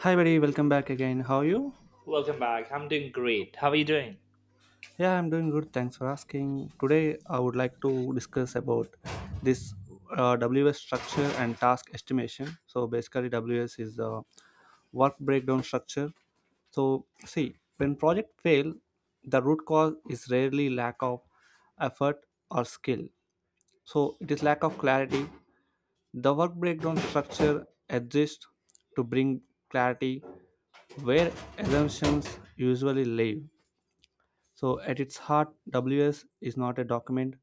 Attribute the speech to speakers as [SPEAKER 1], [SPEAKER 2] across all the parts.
[SPEAKER 1] Hi, buddy. Welcome back again. How are you?
[SPEAKER 2] Welcome back. I'm doing great. How are you doing?
[SPEAKER 1] Yeah, I'm doing good. Thanks for asking. Today, I would like to discuss about this WS structure and task estimation. So, basically, WS is the work breakdown structure. So, see, when project fail, the root cause is rarely lack of effort or skill. So, it is lack of clarity. The work breakdown structure exists to bring clarity where assumptions usually live. So, at its heart, WS is not a document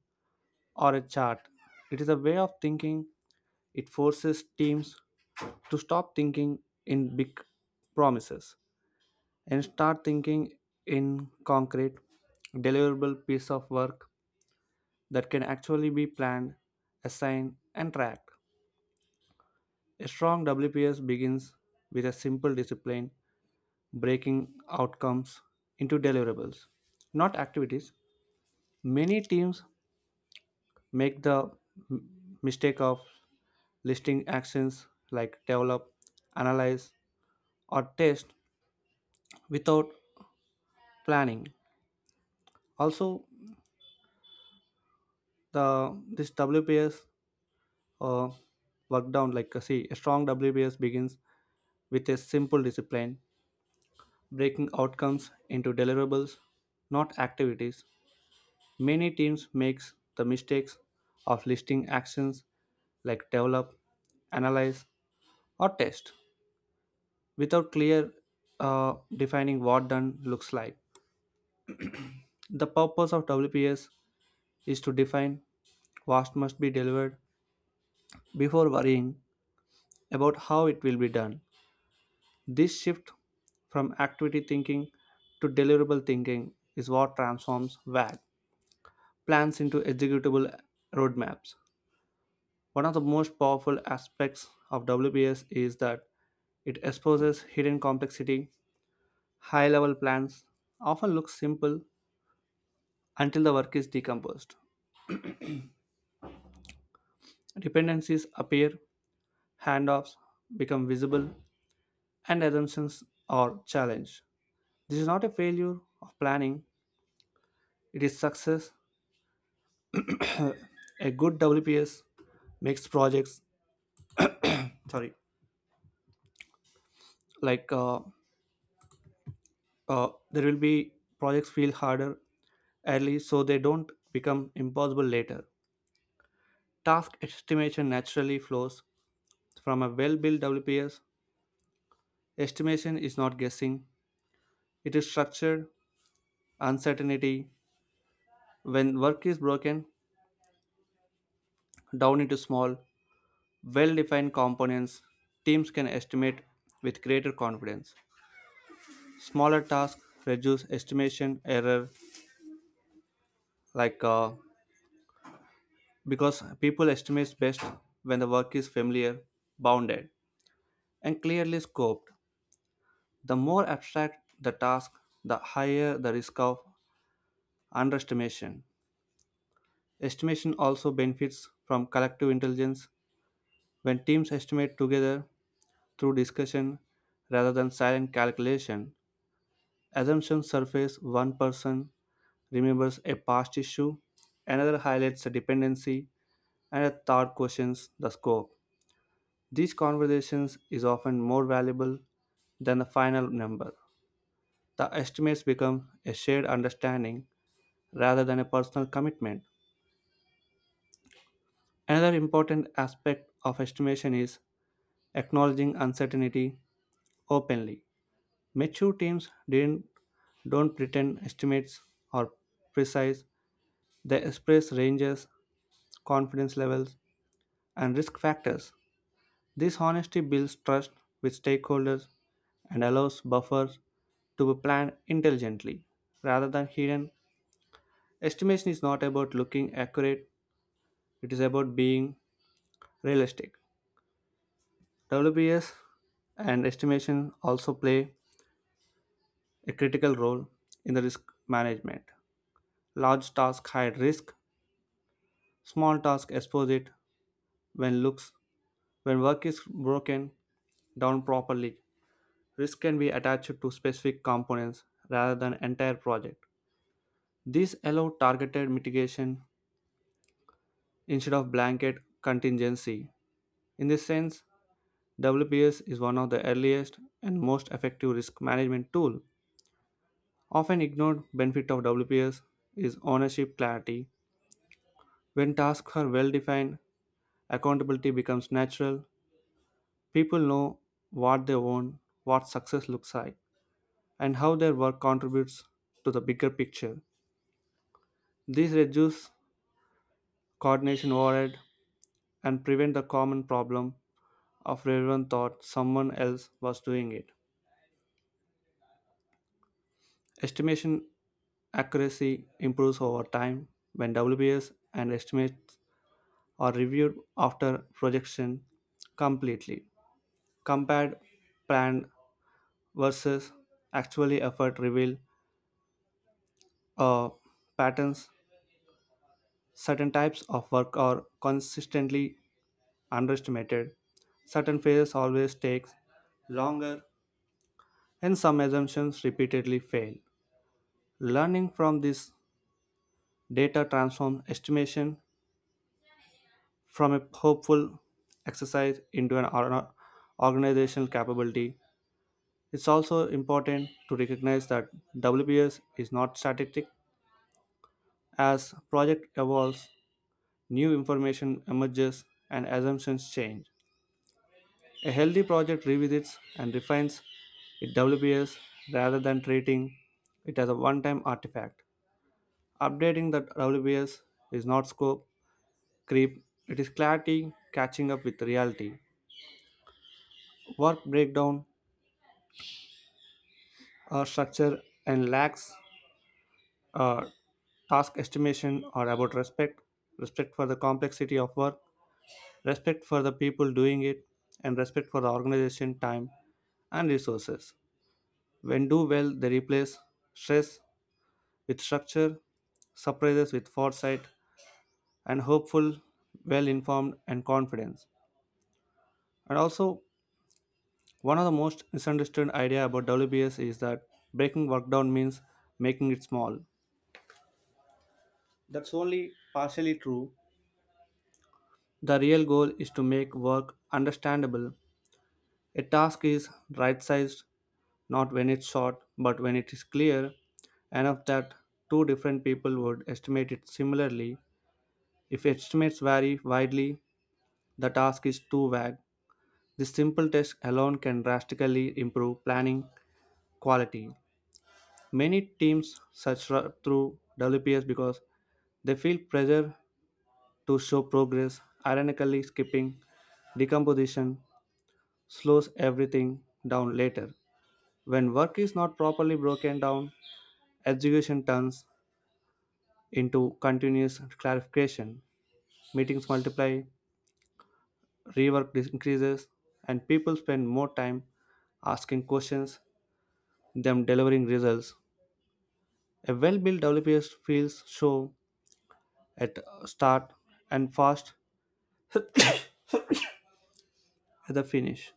[SPEAKER 1] or a chart, it is a way of thinking. It forces teams to stop thinking in big promises and start thinking in concrete, deliverable piece of work that can actually be planned, assigned, and tracked. A strong WPS begins with a simple discipline, breaking outcomes into deliverables, not activities. Many teams make the mistake of listing actions like develop, analyze, or test without planning. Also, the this WPS uh, work down see a strong WPS begins with a simple discipline, breaking outcomes into deliverables, not activities. Many teams makes the mistakes of listing actions like develop, analyze, or test without clear defining what done looks like. The purpose of WPS is to define what must be delivered before worrying about how it will be done. This shift from activity thinking to deliverable thinking is what transforms WAG plans into executable roadmaps. One of the most powerful aspects of WPS is that it exposes hidden complexity. High level plans often look simple until the work is decomposed. Dependencies appear, handoffs become visible, and assumptions are challenged. This is not a failure of planning, it is success. A good WPS makes projects, sorry, like uh, there will be projects feel harder early so they don't become impossible later. Task estimation naturally flows from a well built WPS. Estimation is not guessing, it is structured, uncertainty. When work is broken down into small, well defined components, teams can estimate with greater confidence. Smaller tasks reduce estimation error, like uh, because people estimate best when the work is familiar, bounded, and clearly scoped. The more abstract the task, the higher the risk of underestimation. Estimation also benefits from collective intelligence. When teams estimate together, through discussion rather than silent calculation. Assumptions surface one person remembers a past issue, another highlights a dependency, and a third questions the scope. These conversations is often more valuable than the final number. The estimates become a shared understanding rather than a personal commitment. Another important aspect of estimation is acknowledging uncertainty openly. Mature teams didn't don't pretend estimates are precise. They express ranges, confidence levels, and risk factors. This honesty builds trust with stakeholders and allows buffers to be planned intelligently rather than hidden. Estimation is not about looking accurate, it is about being realistic. WBS and estimation also play a critical role in the risk management. Large tasks hide risk, small tasks expose it when looks when work is broken down properly. Risk can be attached to specific components rather than entire project. These allow targeted mitigation instead of blanket contingency. In this sense, WPS is one of the earliest and most effective risk management tool. Often ignored benefit of WPS is ownership clarity. When tasks are well defined, accountability becomes natural. People know what they want, what success looks like, and how their work contributes to the bigger picture. These reduce coordination overhead and prevent the common problem of everyone thought someone else was doing it. Estimation accuracy improves over time when WBS and estimates are reviewed after projection completely. Compared planned versus actually effort reveal uh, patterns. Certain types of work are consistently underestimated. Certain phases always take longer, and some assumptions repeatedly fail. Learning from this data transforms estimation from a hopeful exercise into an organizational capability. It's also important to recognize that WPS is not static. As project evolves, new information emerges and assumptions change. A healthy project revisits and refines its WBS rather than treating it as a one time artifact. Updating the WBS is not scope creep, it is clarity catching up with reality. Work breakdown or structure and lacks uh, task estimation are about respect, respect for the complexity of work, respect for the people doing it, and respect for the organization time and resources. When do well, they replace stress with structure, surprises with foresight, and hopeful, well informed, and confidence. And also, one of the most misunderstood idea about WBS is that breaking work down means making it small. That's only partially true. The real goal is to make work understandable. A task is right sized not when it's short, but when it is clear enough that two different people would estimate it similarly. If estimates vary widely, the task is too vague. This simple test alone can drastically improve planning quality. Many teams through WPS because they feel pressure to show progress, ironically, skipping decomposition slows everything down later. When work is not properly broken down, execution turns into continuous clarification. Meetings multiply, increases, and people spend more time asking questions than delivering results. A well-built developer feels slow at start and fast at the finish.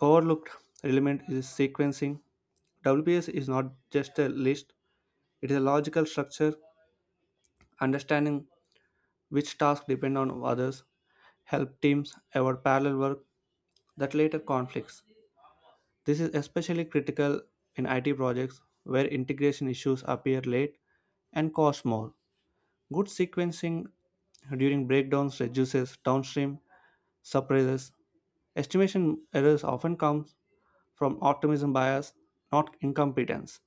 [SPEAKER 1] Overlooked element is sequencing. WPS is not just a list, it is a logical structure. Understanding which tasks depend on others help teams avoid parallel work that later conflicts. This is especially critical in IT projects where integration issues appear late and cost more. Good sequencing during breakdowns reduces downstream surprises. Estimation errors often come from optimism bias, not incompetence.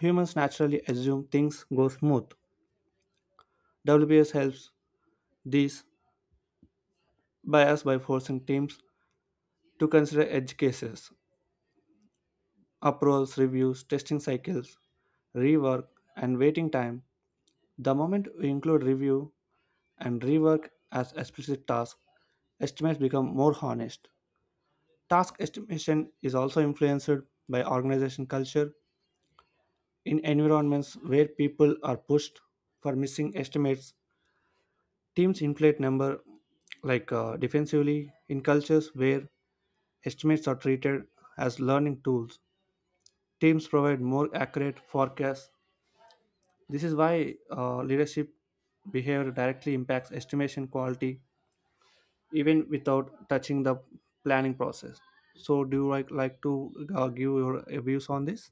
[SPEAKER 1] Humans naturally assume things go smooth. WBS helps these bias by forcing teams to consider edge cases, approvals, reviews, testing cycles, rework, and waiting time. The moment we include review and rework as explicit tasks, estimates become more honest. Task estimation is also influenced by organization culture. In environments where people are pushed for missing estimates, teams inflate number defensively. In cultures where estimates are treated as learning tools, teams provide more accurate forecasts. This is why leadership behavior directly impacts estimation quality even without touching the planning process. So, do you like to give your views on this?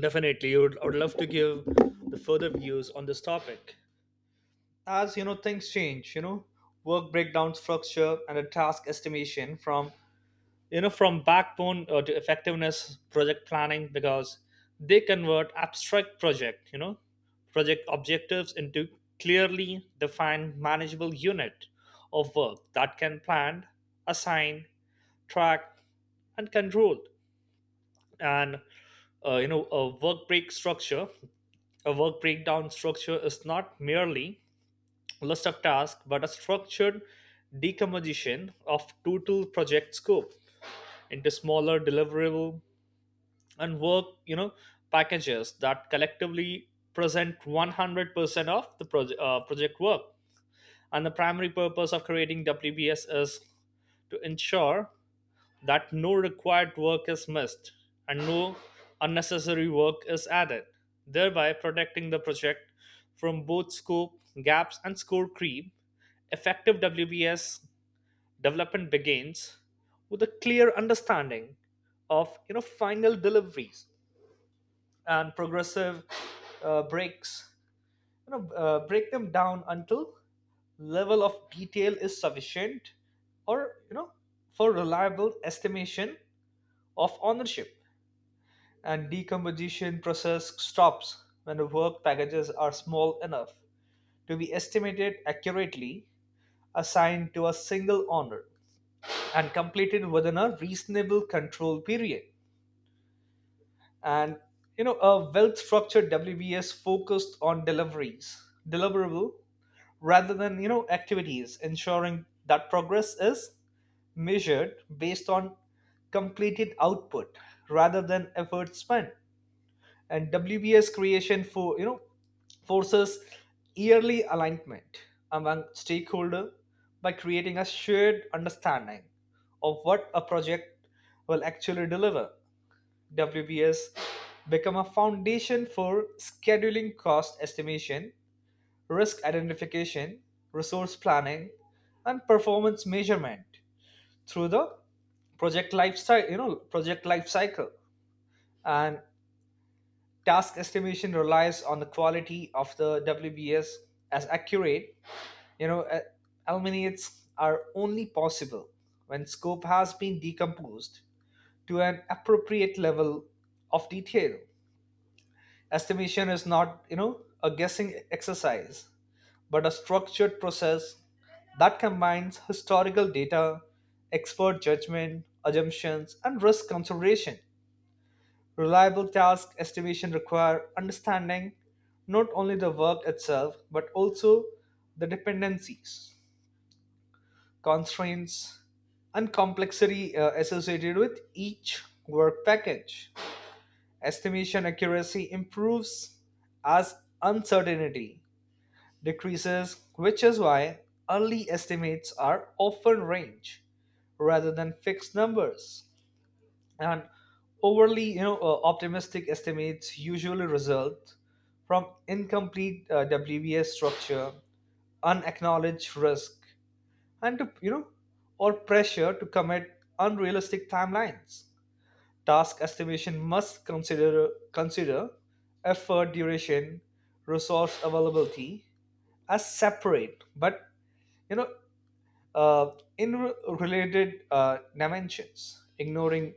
[SPEAKER 2] Definitely, I would love to give the further views on this topic. As you know, things change. Work breakdown structure and a task estimation from you know from backbone to effectiveness project planning because they convert abstract project, project objectives into clearly defined manageable unit of work that can plan, assign, track, and control. And you know a work break structure A work breakdown structure is not merely list of tasks but a structured decomposition of total project scope into smaller deliverable and work packages that collectively present 100% of the project work, and the primary purpose of creating wbs is to ensure that no required work is missed and no unnecessary work is added, thereby protecting the project from both scope gaps and score creep. Effective WBS development begins with a clear understanding of final deliveries and progressive breaks you know break them down until level of detail is sufficient, or for reliable estimation of ownership, and decomposition process stops when the work packages are small enough to be estimated accurately, assigned to a single owner, and completed within a reasonable control period. And a well-structured WBS focused on deliveries, deliverable rather than activities, ensuring that progress is measured based on completed output rather than effort spent, and WBS creation for forces yearly alignment among stakeholder by creating a shared understanding of what a project will actually deliver. WBS become a foundation for scheduling cost estimation, risk identification, resource planning, and performance measurement through the project life cycle, And task estimation relies on the quality of the WBS, as accurate, you know, uh, eliminates are only possible when scope has been decomposed to an appropriate level of detail. Estimation is not, a guessing exercise, but a structured process that combines historical data, expert judgment, assumptions, and risk consideration. Reliable task estimation require understanding not only the work itself but also the dependencies, constraints, and complexity associated with each work package. Estimation accuracy improves as uncertainty decreases, which is why early estimates are often range rather than fixed numbers. And overly you know optimistic estimates usually result from incomplete WBS structure, unacknowledged risk, and to, or pressure to commit unrealistic timelines. Task estimation must consider effort duration, resource availability as separate but you know uh, in re- related dimensions. Ignoring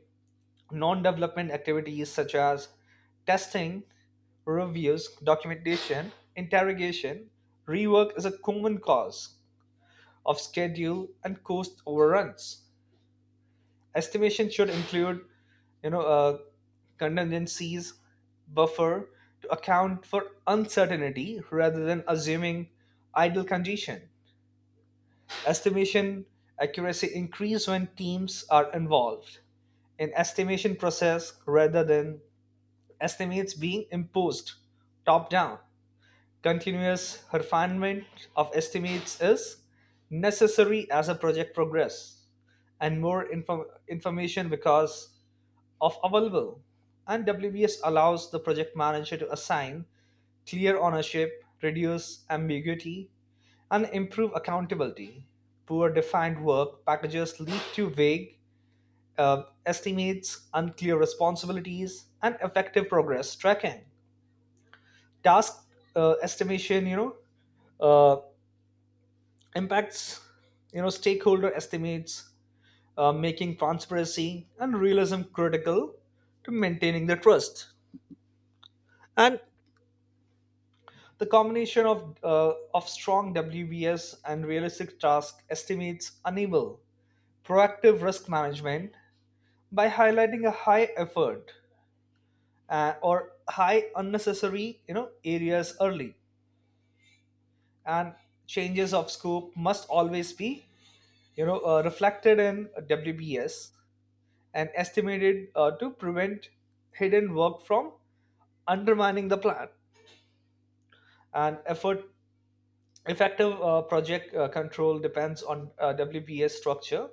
[SPEAKER 2] non development activities such as testing, reviews, documentation, interrogation, rework is a common cause of schedule and cost overruns. Estimation should include, you know, uh, contingencies buffer to account for uncertainty rather than assuming idle condition. Estimation accuracy increase when teams are involved in estimation process rather than estimates being imposed top down. Continuous refinement of estimates is necessary as a project progress and more information because of available. And WBS allows the project manager to assign clear ownership, reduce ambiguity, and improve accountability. Poor defined work packages lead to vague estimates, unclear responsibilities, and effective progress tracking. Task estimation you know uh, impacts stakeholder estimates, making transparency and realism critical to maintaining the trust. And the combination of strong wbs and realistic task estimates enable proactive risk management by highlighting a high effort or high unnecessary areas early. And changes of scope must always be reflected in WBS and estimated to prevent hidden work from undermining the plan. And effort effective project control depends on WBS structure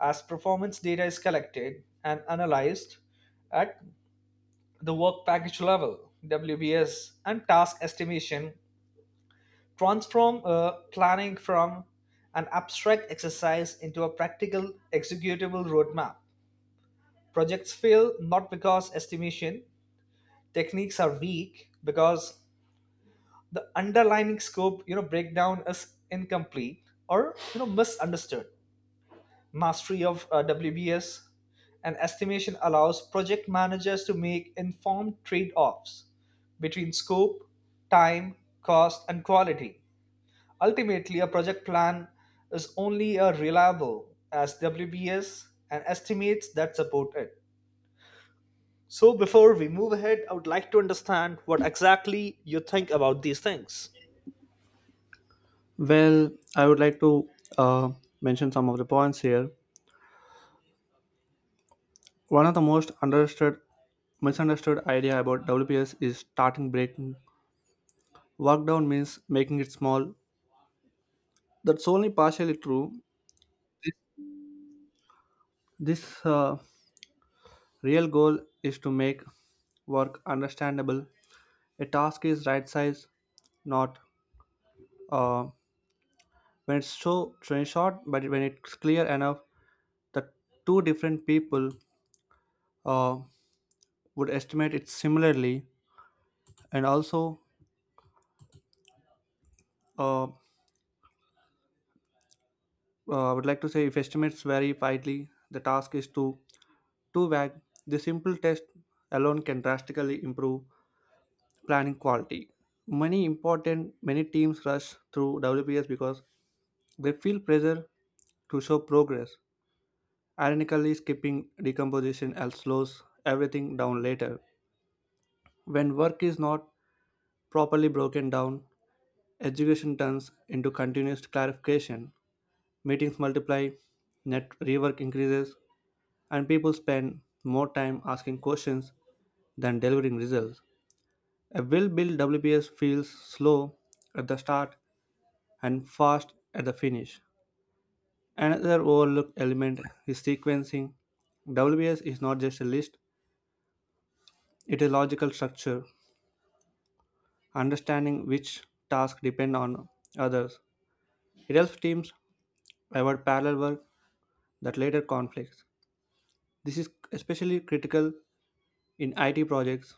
[SPEAKER 2] as performance data is collected and analyzed at the work package level. WBS and task estimation transform planning from an abstract exercise into a practical executable roadmap. Projects fail not because estimation techniques are weak, because the underlying scope, breakdown is incomplete or misunderstood. Mastery of WBS and estimation allows project managers to make informed trade-offs between scope, time, cost, and quality. Ultimately, a project plan is only as reliable as WBS and estimates that support it. So, before we move ahead, I would like to understand what exactly you think about these things.
[SPEAKER 1] Well, I would like to uh, mention some of the points here. One of the most misunderstood idea about WPS is starting breaking. Work down means making it small. That's only partially true. This, this real goal is to make work understandable. A task is right size, not uh, when it's so when it's short, but when it's clear enough, the two different people uh, would estimate it similarly. And also, uh, uh, I would like to say if estimates vary widely, the task is too vague. The simple test alone can drastically improve planning quality. Many teams rush through WPS because they feel pressure to show progress. Ironically, skipping decomposition else slows everything down later. When work is not properly broken down, education turns into continuous clarification. Meetings multiply, net rework increases, and people spend more time asking questions than delivering results. A well built WPS feels slow at the start and fast at the finish. Another overlooked element is sequencing. WBS is not just a list, it is a logical structure, understanding which tasks depend on others. It helps teams avoid parallel work that later conflicts. This is especially critical in IT projects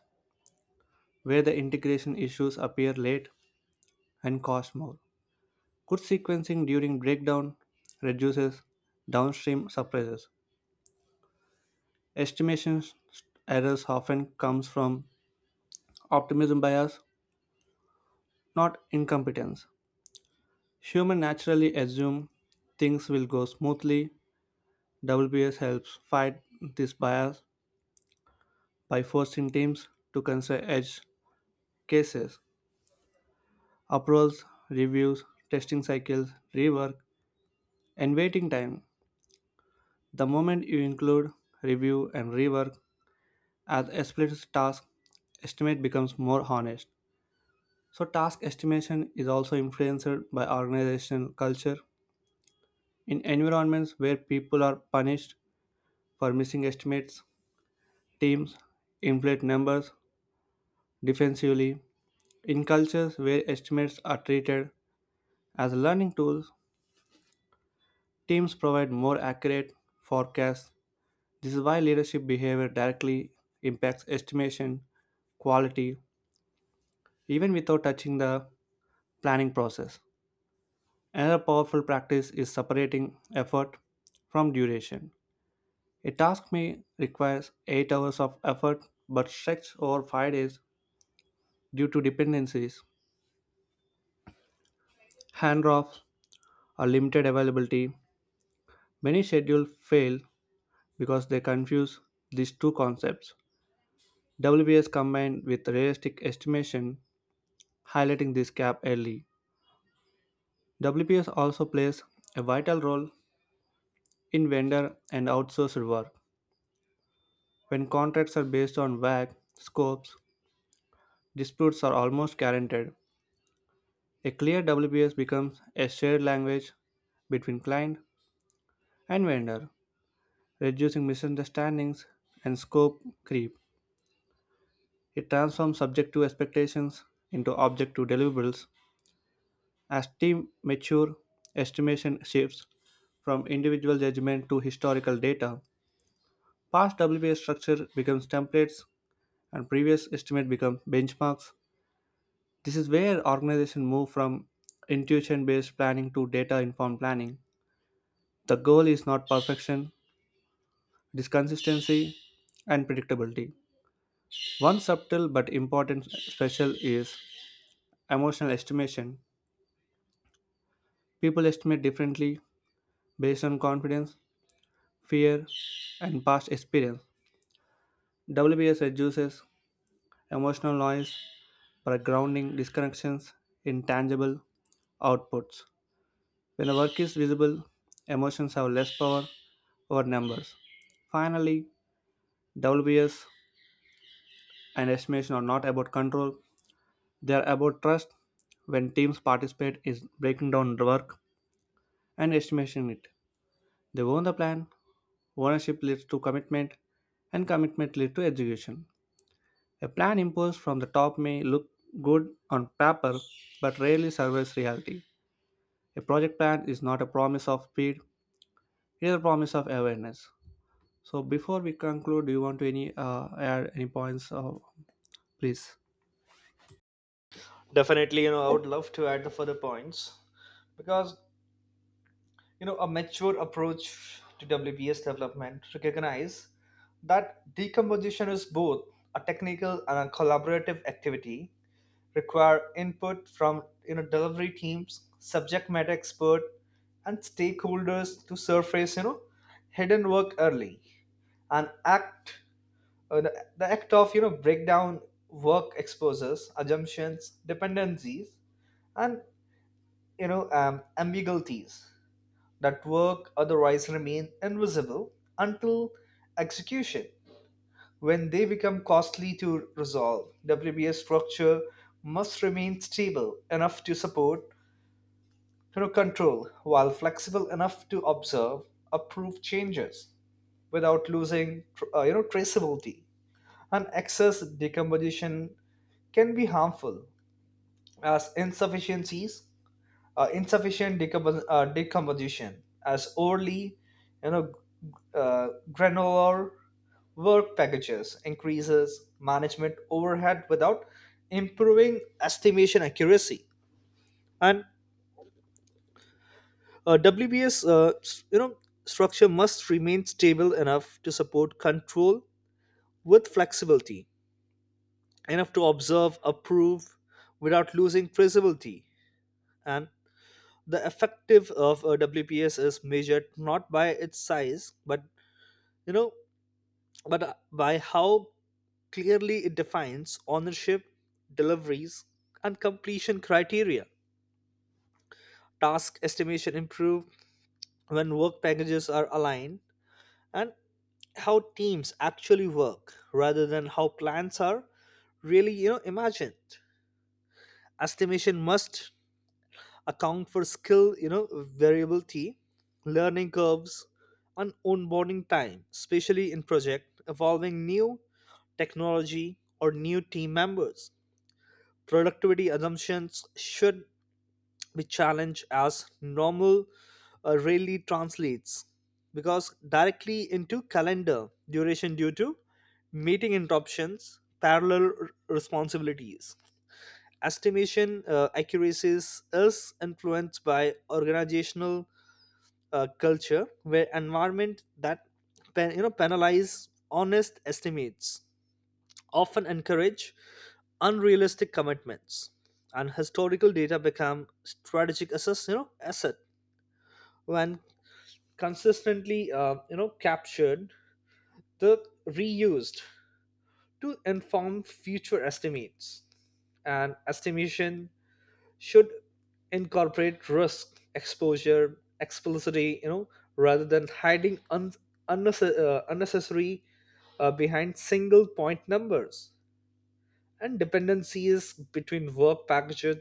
[SPEAKER 1] where the integration issues appear late and cost more. Good sequencing during breakdown reduces downstream surprises. Estimation errors often comes from optimism bias, not incompetence. Humans naturally assume things will go smoothly. WBS helps fight this bias by forcing teams to consider edge cases, approvals, reviews, testing cycles, rework, and waiting time. The moment you include, review, and rework as explicit task, estimate becomes more honest. So, task estimation is also influenced by organizational culture. In environments where people are punished for missing estimates, teams inflate numbers defensively. In cultures where estimates are treated as learning tools, teams provide more accurate forecasts. This is why leadership behavior directly impacts estimation, quality, even without touching the planning process. Another powerful practice is separating effort from duration. A task may require 8 hours of effort but stretch over 5 days due to dependencies, handoffs, or limited availability. Many schedules fail because they confuse these two concepts. WPS combined with realistic estimation, highlighting this gap early. WPS also plays a vital role in vendor and outsourced work. When contracts are based on vague scopes, disputes are almost guaranteed. A clear WBS becomes a shared language between client and vendor, reducing misunderstandings and scope creep. It transforms subjective expectations into objective deliverables. As teams mature, estimation shifts from individual judgment to historical data. Past WBS structure becomes templates and previous estimate becomes benchmarks. This is where organizations move from intuition based planning to data informed planning. The goal is not perfection, it is consistency and predictability. One subtle but important special is emotional estimation. People estimate differently based on confidence, fear, and past experience. WBS reduces emotional noise by grounding disconnections in tangible outputs. When a work is visible, emotions have less power over numbers. Finally, WBS and estimation are not about control, they are about trust. When teams participate is breaking down the work and estimating it. They own the plan. Ownership leads to commitment, and commitment leads to execution. A plan imposed from the top may look good on paper but rarely survives reality. A project plan is not a promise of speed, it is a promise of awareness. So before we conclude, do you want to any add any points, please?
[SPEAKER 2] Definitely, I would love to add the further points because, a mature approach to WBS development recognize that decomposition is both a technical and a collaborative activity require input from delivery teams, subject matter expert, and stakeholders to surface hidden work early. And the act of break down work exposes assumptions, dependencies, and ambiguities that work otherwise remain invisible until execution. When they become costly to resolve, WBA structure must remain stable enough to support control while flexible enough to observe approve changes without losing traceability. And excess decomposition can be harmful as insufficient decomposition, as overly, you know, granular work packages increases management overhead without improving estimation accuracy. And WBS, structure must remain stable enough to support control with flexibility, enough to observe, approve without losing traceability. And the effective of a WPS is measured not by its size, but you know, by how clearly it defines ownership, deliveries, and completion criteria. Task estimation improve when work packages are aligned and how teams actually work rather than how plans are really imagined. Estimation must account for skill, variability, learning curves, and onboarding time, especially in project evolving new technology or new team members. Productivity assumptions should be challenged as normal rarely translates because directly into calendar duration due to meeting interruptions, parallel responsibilities. Estimation accuracies is influenced by organizational culture where environment that penalize honest estimates often encourage unrealistic commitments. And historical data become strategic assess you know asset when consistently captured the reused to inform future estimates. And estimation should incorporate risk, exposure, explicitly, rather than hiding unnecessary behind single point numbers. And dependencies between work packages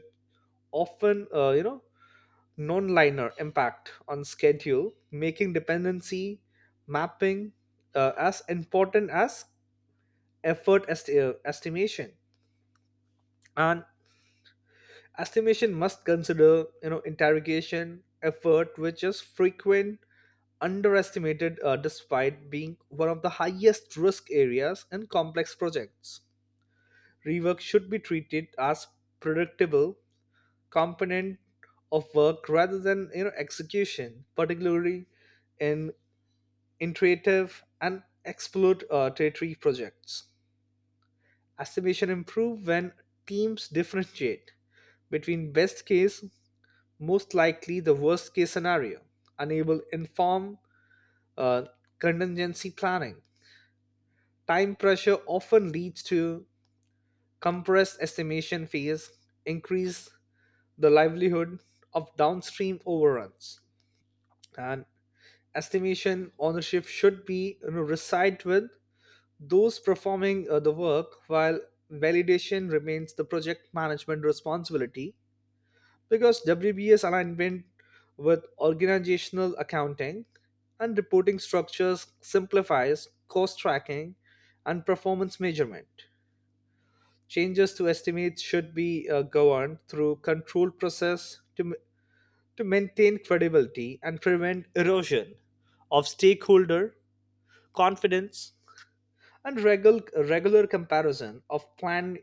[SPEAKER 2] often non-liner impact on schedule, making dependency mapping as important as effort estimation. And estimation must consider, interrogation effort, which is frequent underestimated despite being one of the highest risk areas in complex projects. Rework should be treated as predictable component of work rather than execution, particularly in iterative and exploratory projects. Estimation improve when teams differentiate between best case, most likely, the worst case scenario, unable inform uh, contingency planning. Time pressure often leads to compressed estimation phase, increase the livelihood of downstream overruns. And estimation ownership should be, reside with those performing the work while validation remains the project management responsibility, because WBS alignment with organizational accounting and reporting structures simplifies cost tracking and performance measurement. Changes to estimates should be governed through controlled process to maintain credibility and prevent erosion of stakeholder confidence. And regular comparison of plan,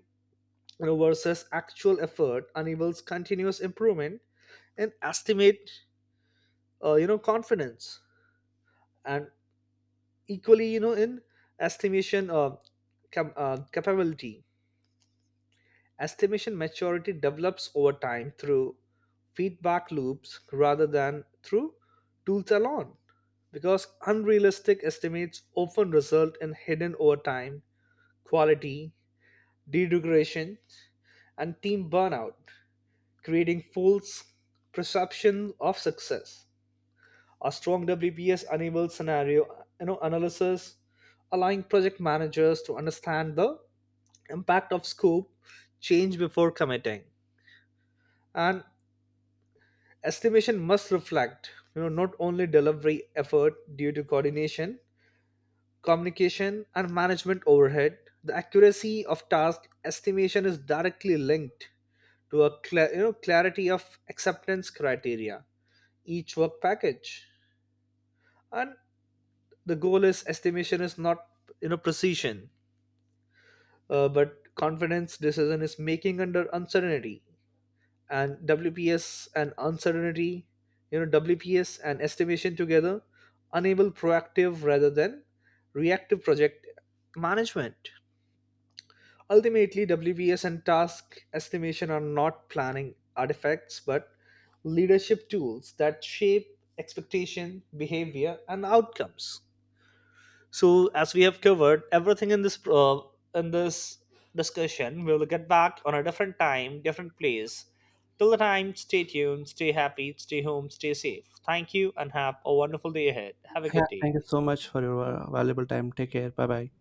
[SPEAKER 2] versus actual effort enables continuous improvement in estimate confidence and equally in estimation capability. Estimation maturity develops over time through feedback loops rather than through tools alone, because unrealistic estimates often result in hidden overtime, quality degradation, and team burnout, creating false perception of success. A strong wps enables scenario analysis, allowing project managers to understand the impact of scope change before committing. And estimation must reflect not only delivery effort due to coordination, communication, and management overhead. The accuracy of task estimation is directly linked to a clarity of acceptance criteria each work package. And the goal is estimation is not precision, but confidence decision is making under uncertainty. And wps and uncertainty, wps and estimation together enable proactive rather than reactive project management. Ultimately, wps and task estimation are not planning artifacts but leadership tools that shape expectation, behavior, and outcomes. So, as we have covered everything in this discussion, we will get back on a different time, different place. Till the time, stay tuned, stay happy, stay home, stay safe. Thank you, and have a wonderful day ahead. Have a
[SPEAKER 1] Yeah.
[SPEAKER 2] good day.
[SPEAKER 1] Thank you so much for your valuable time. Take care. Bye bye.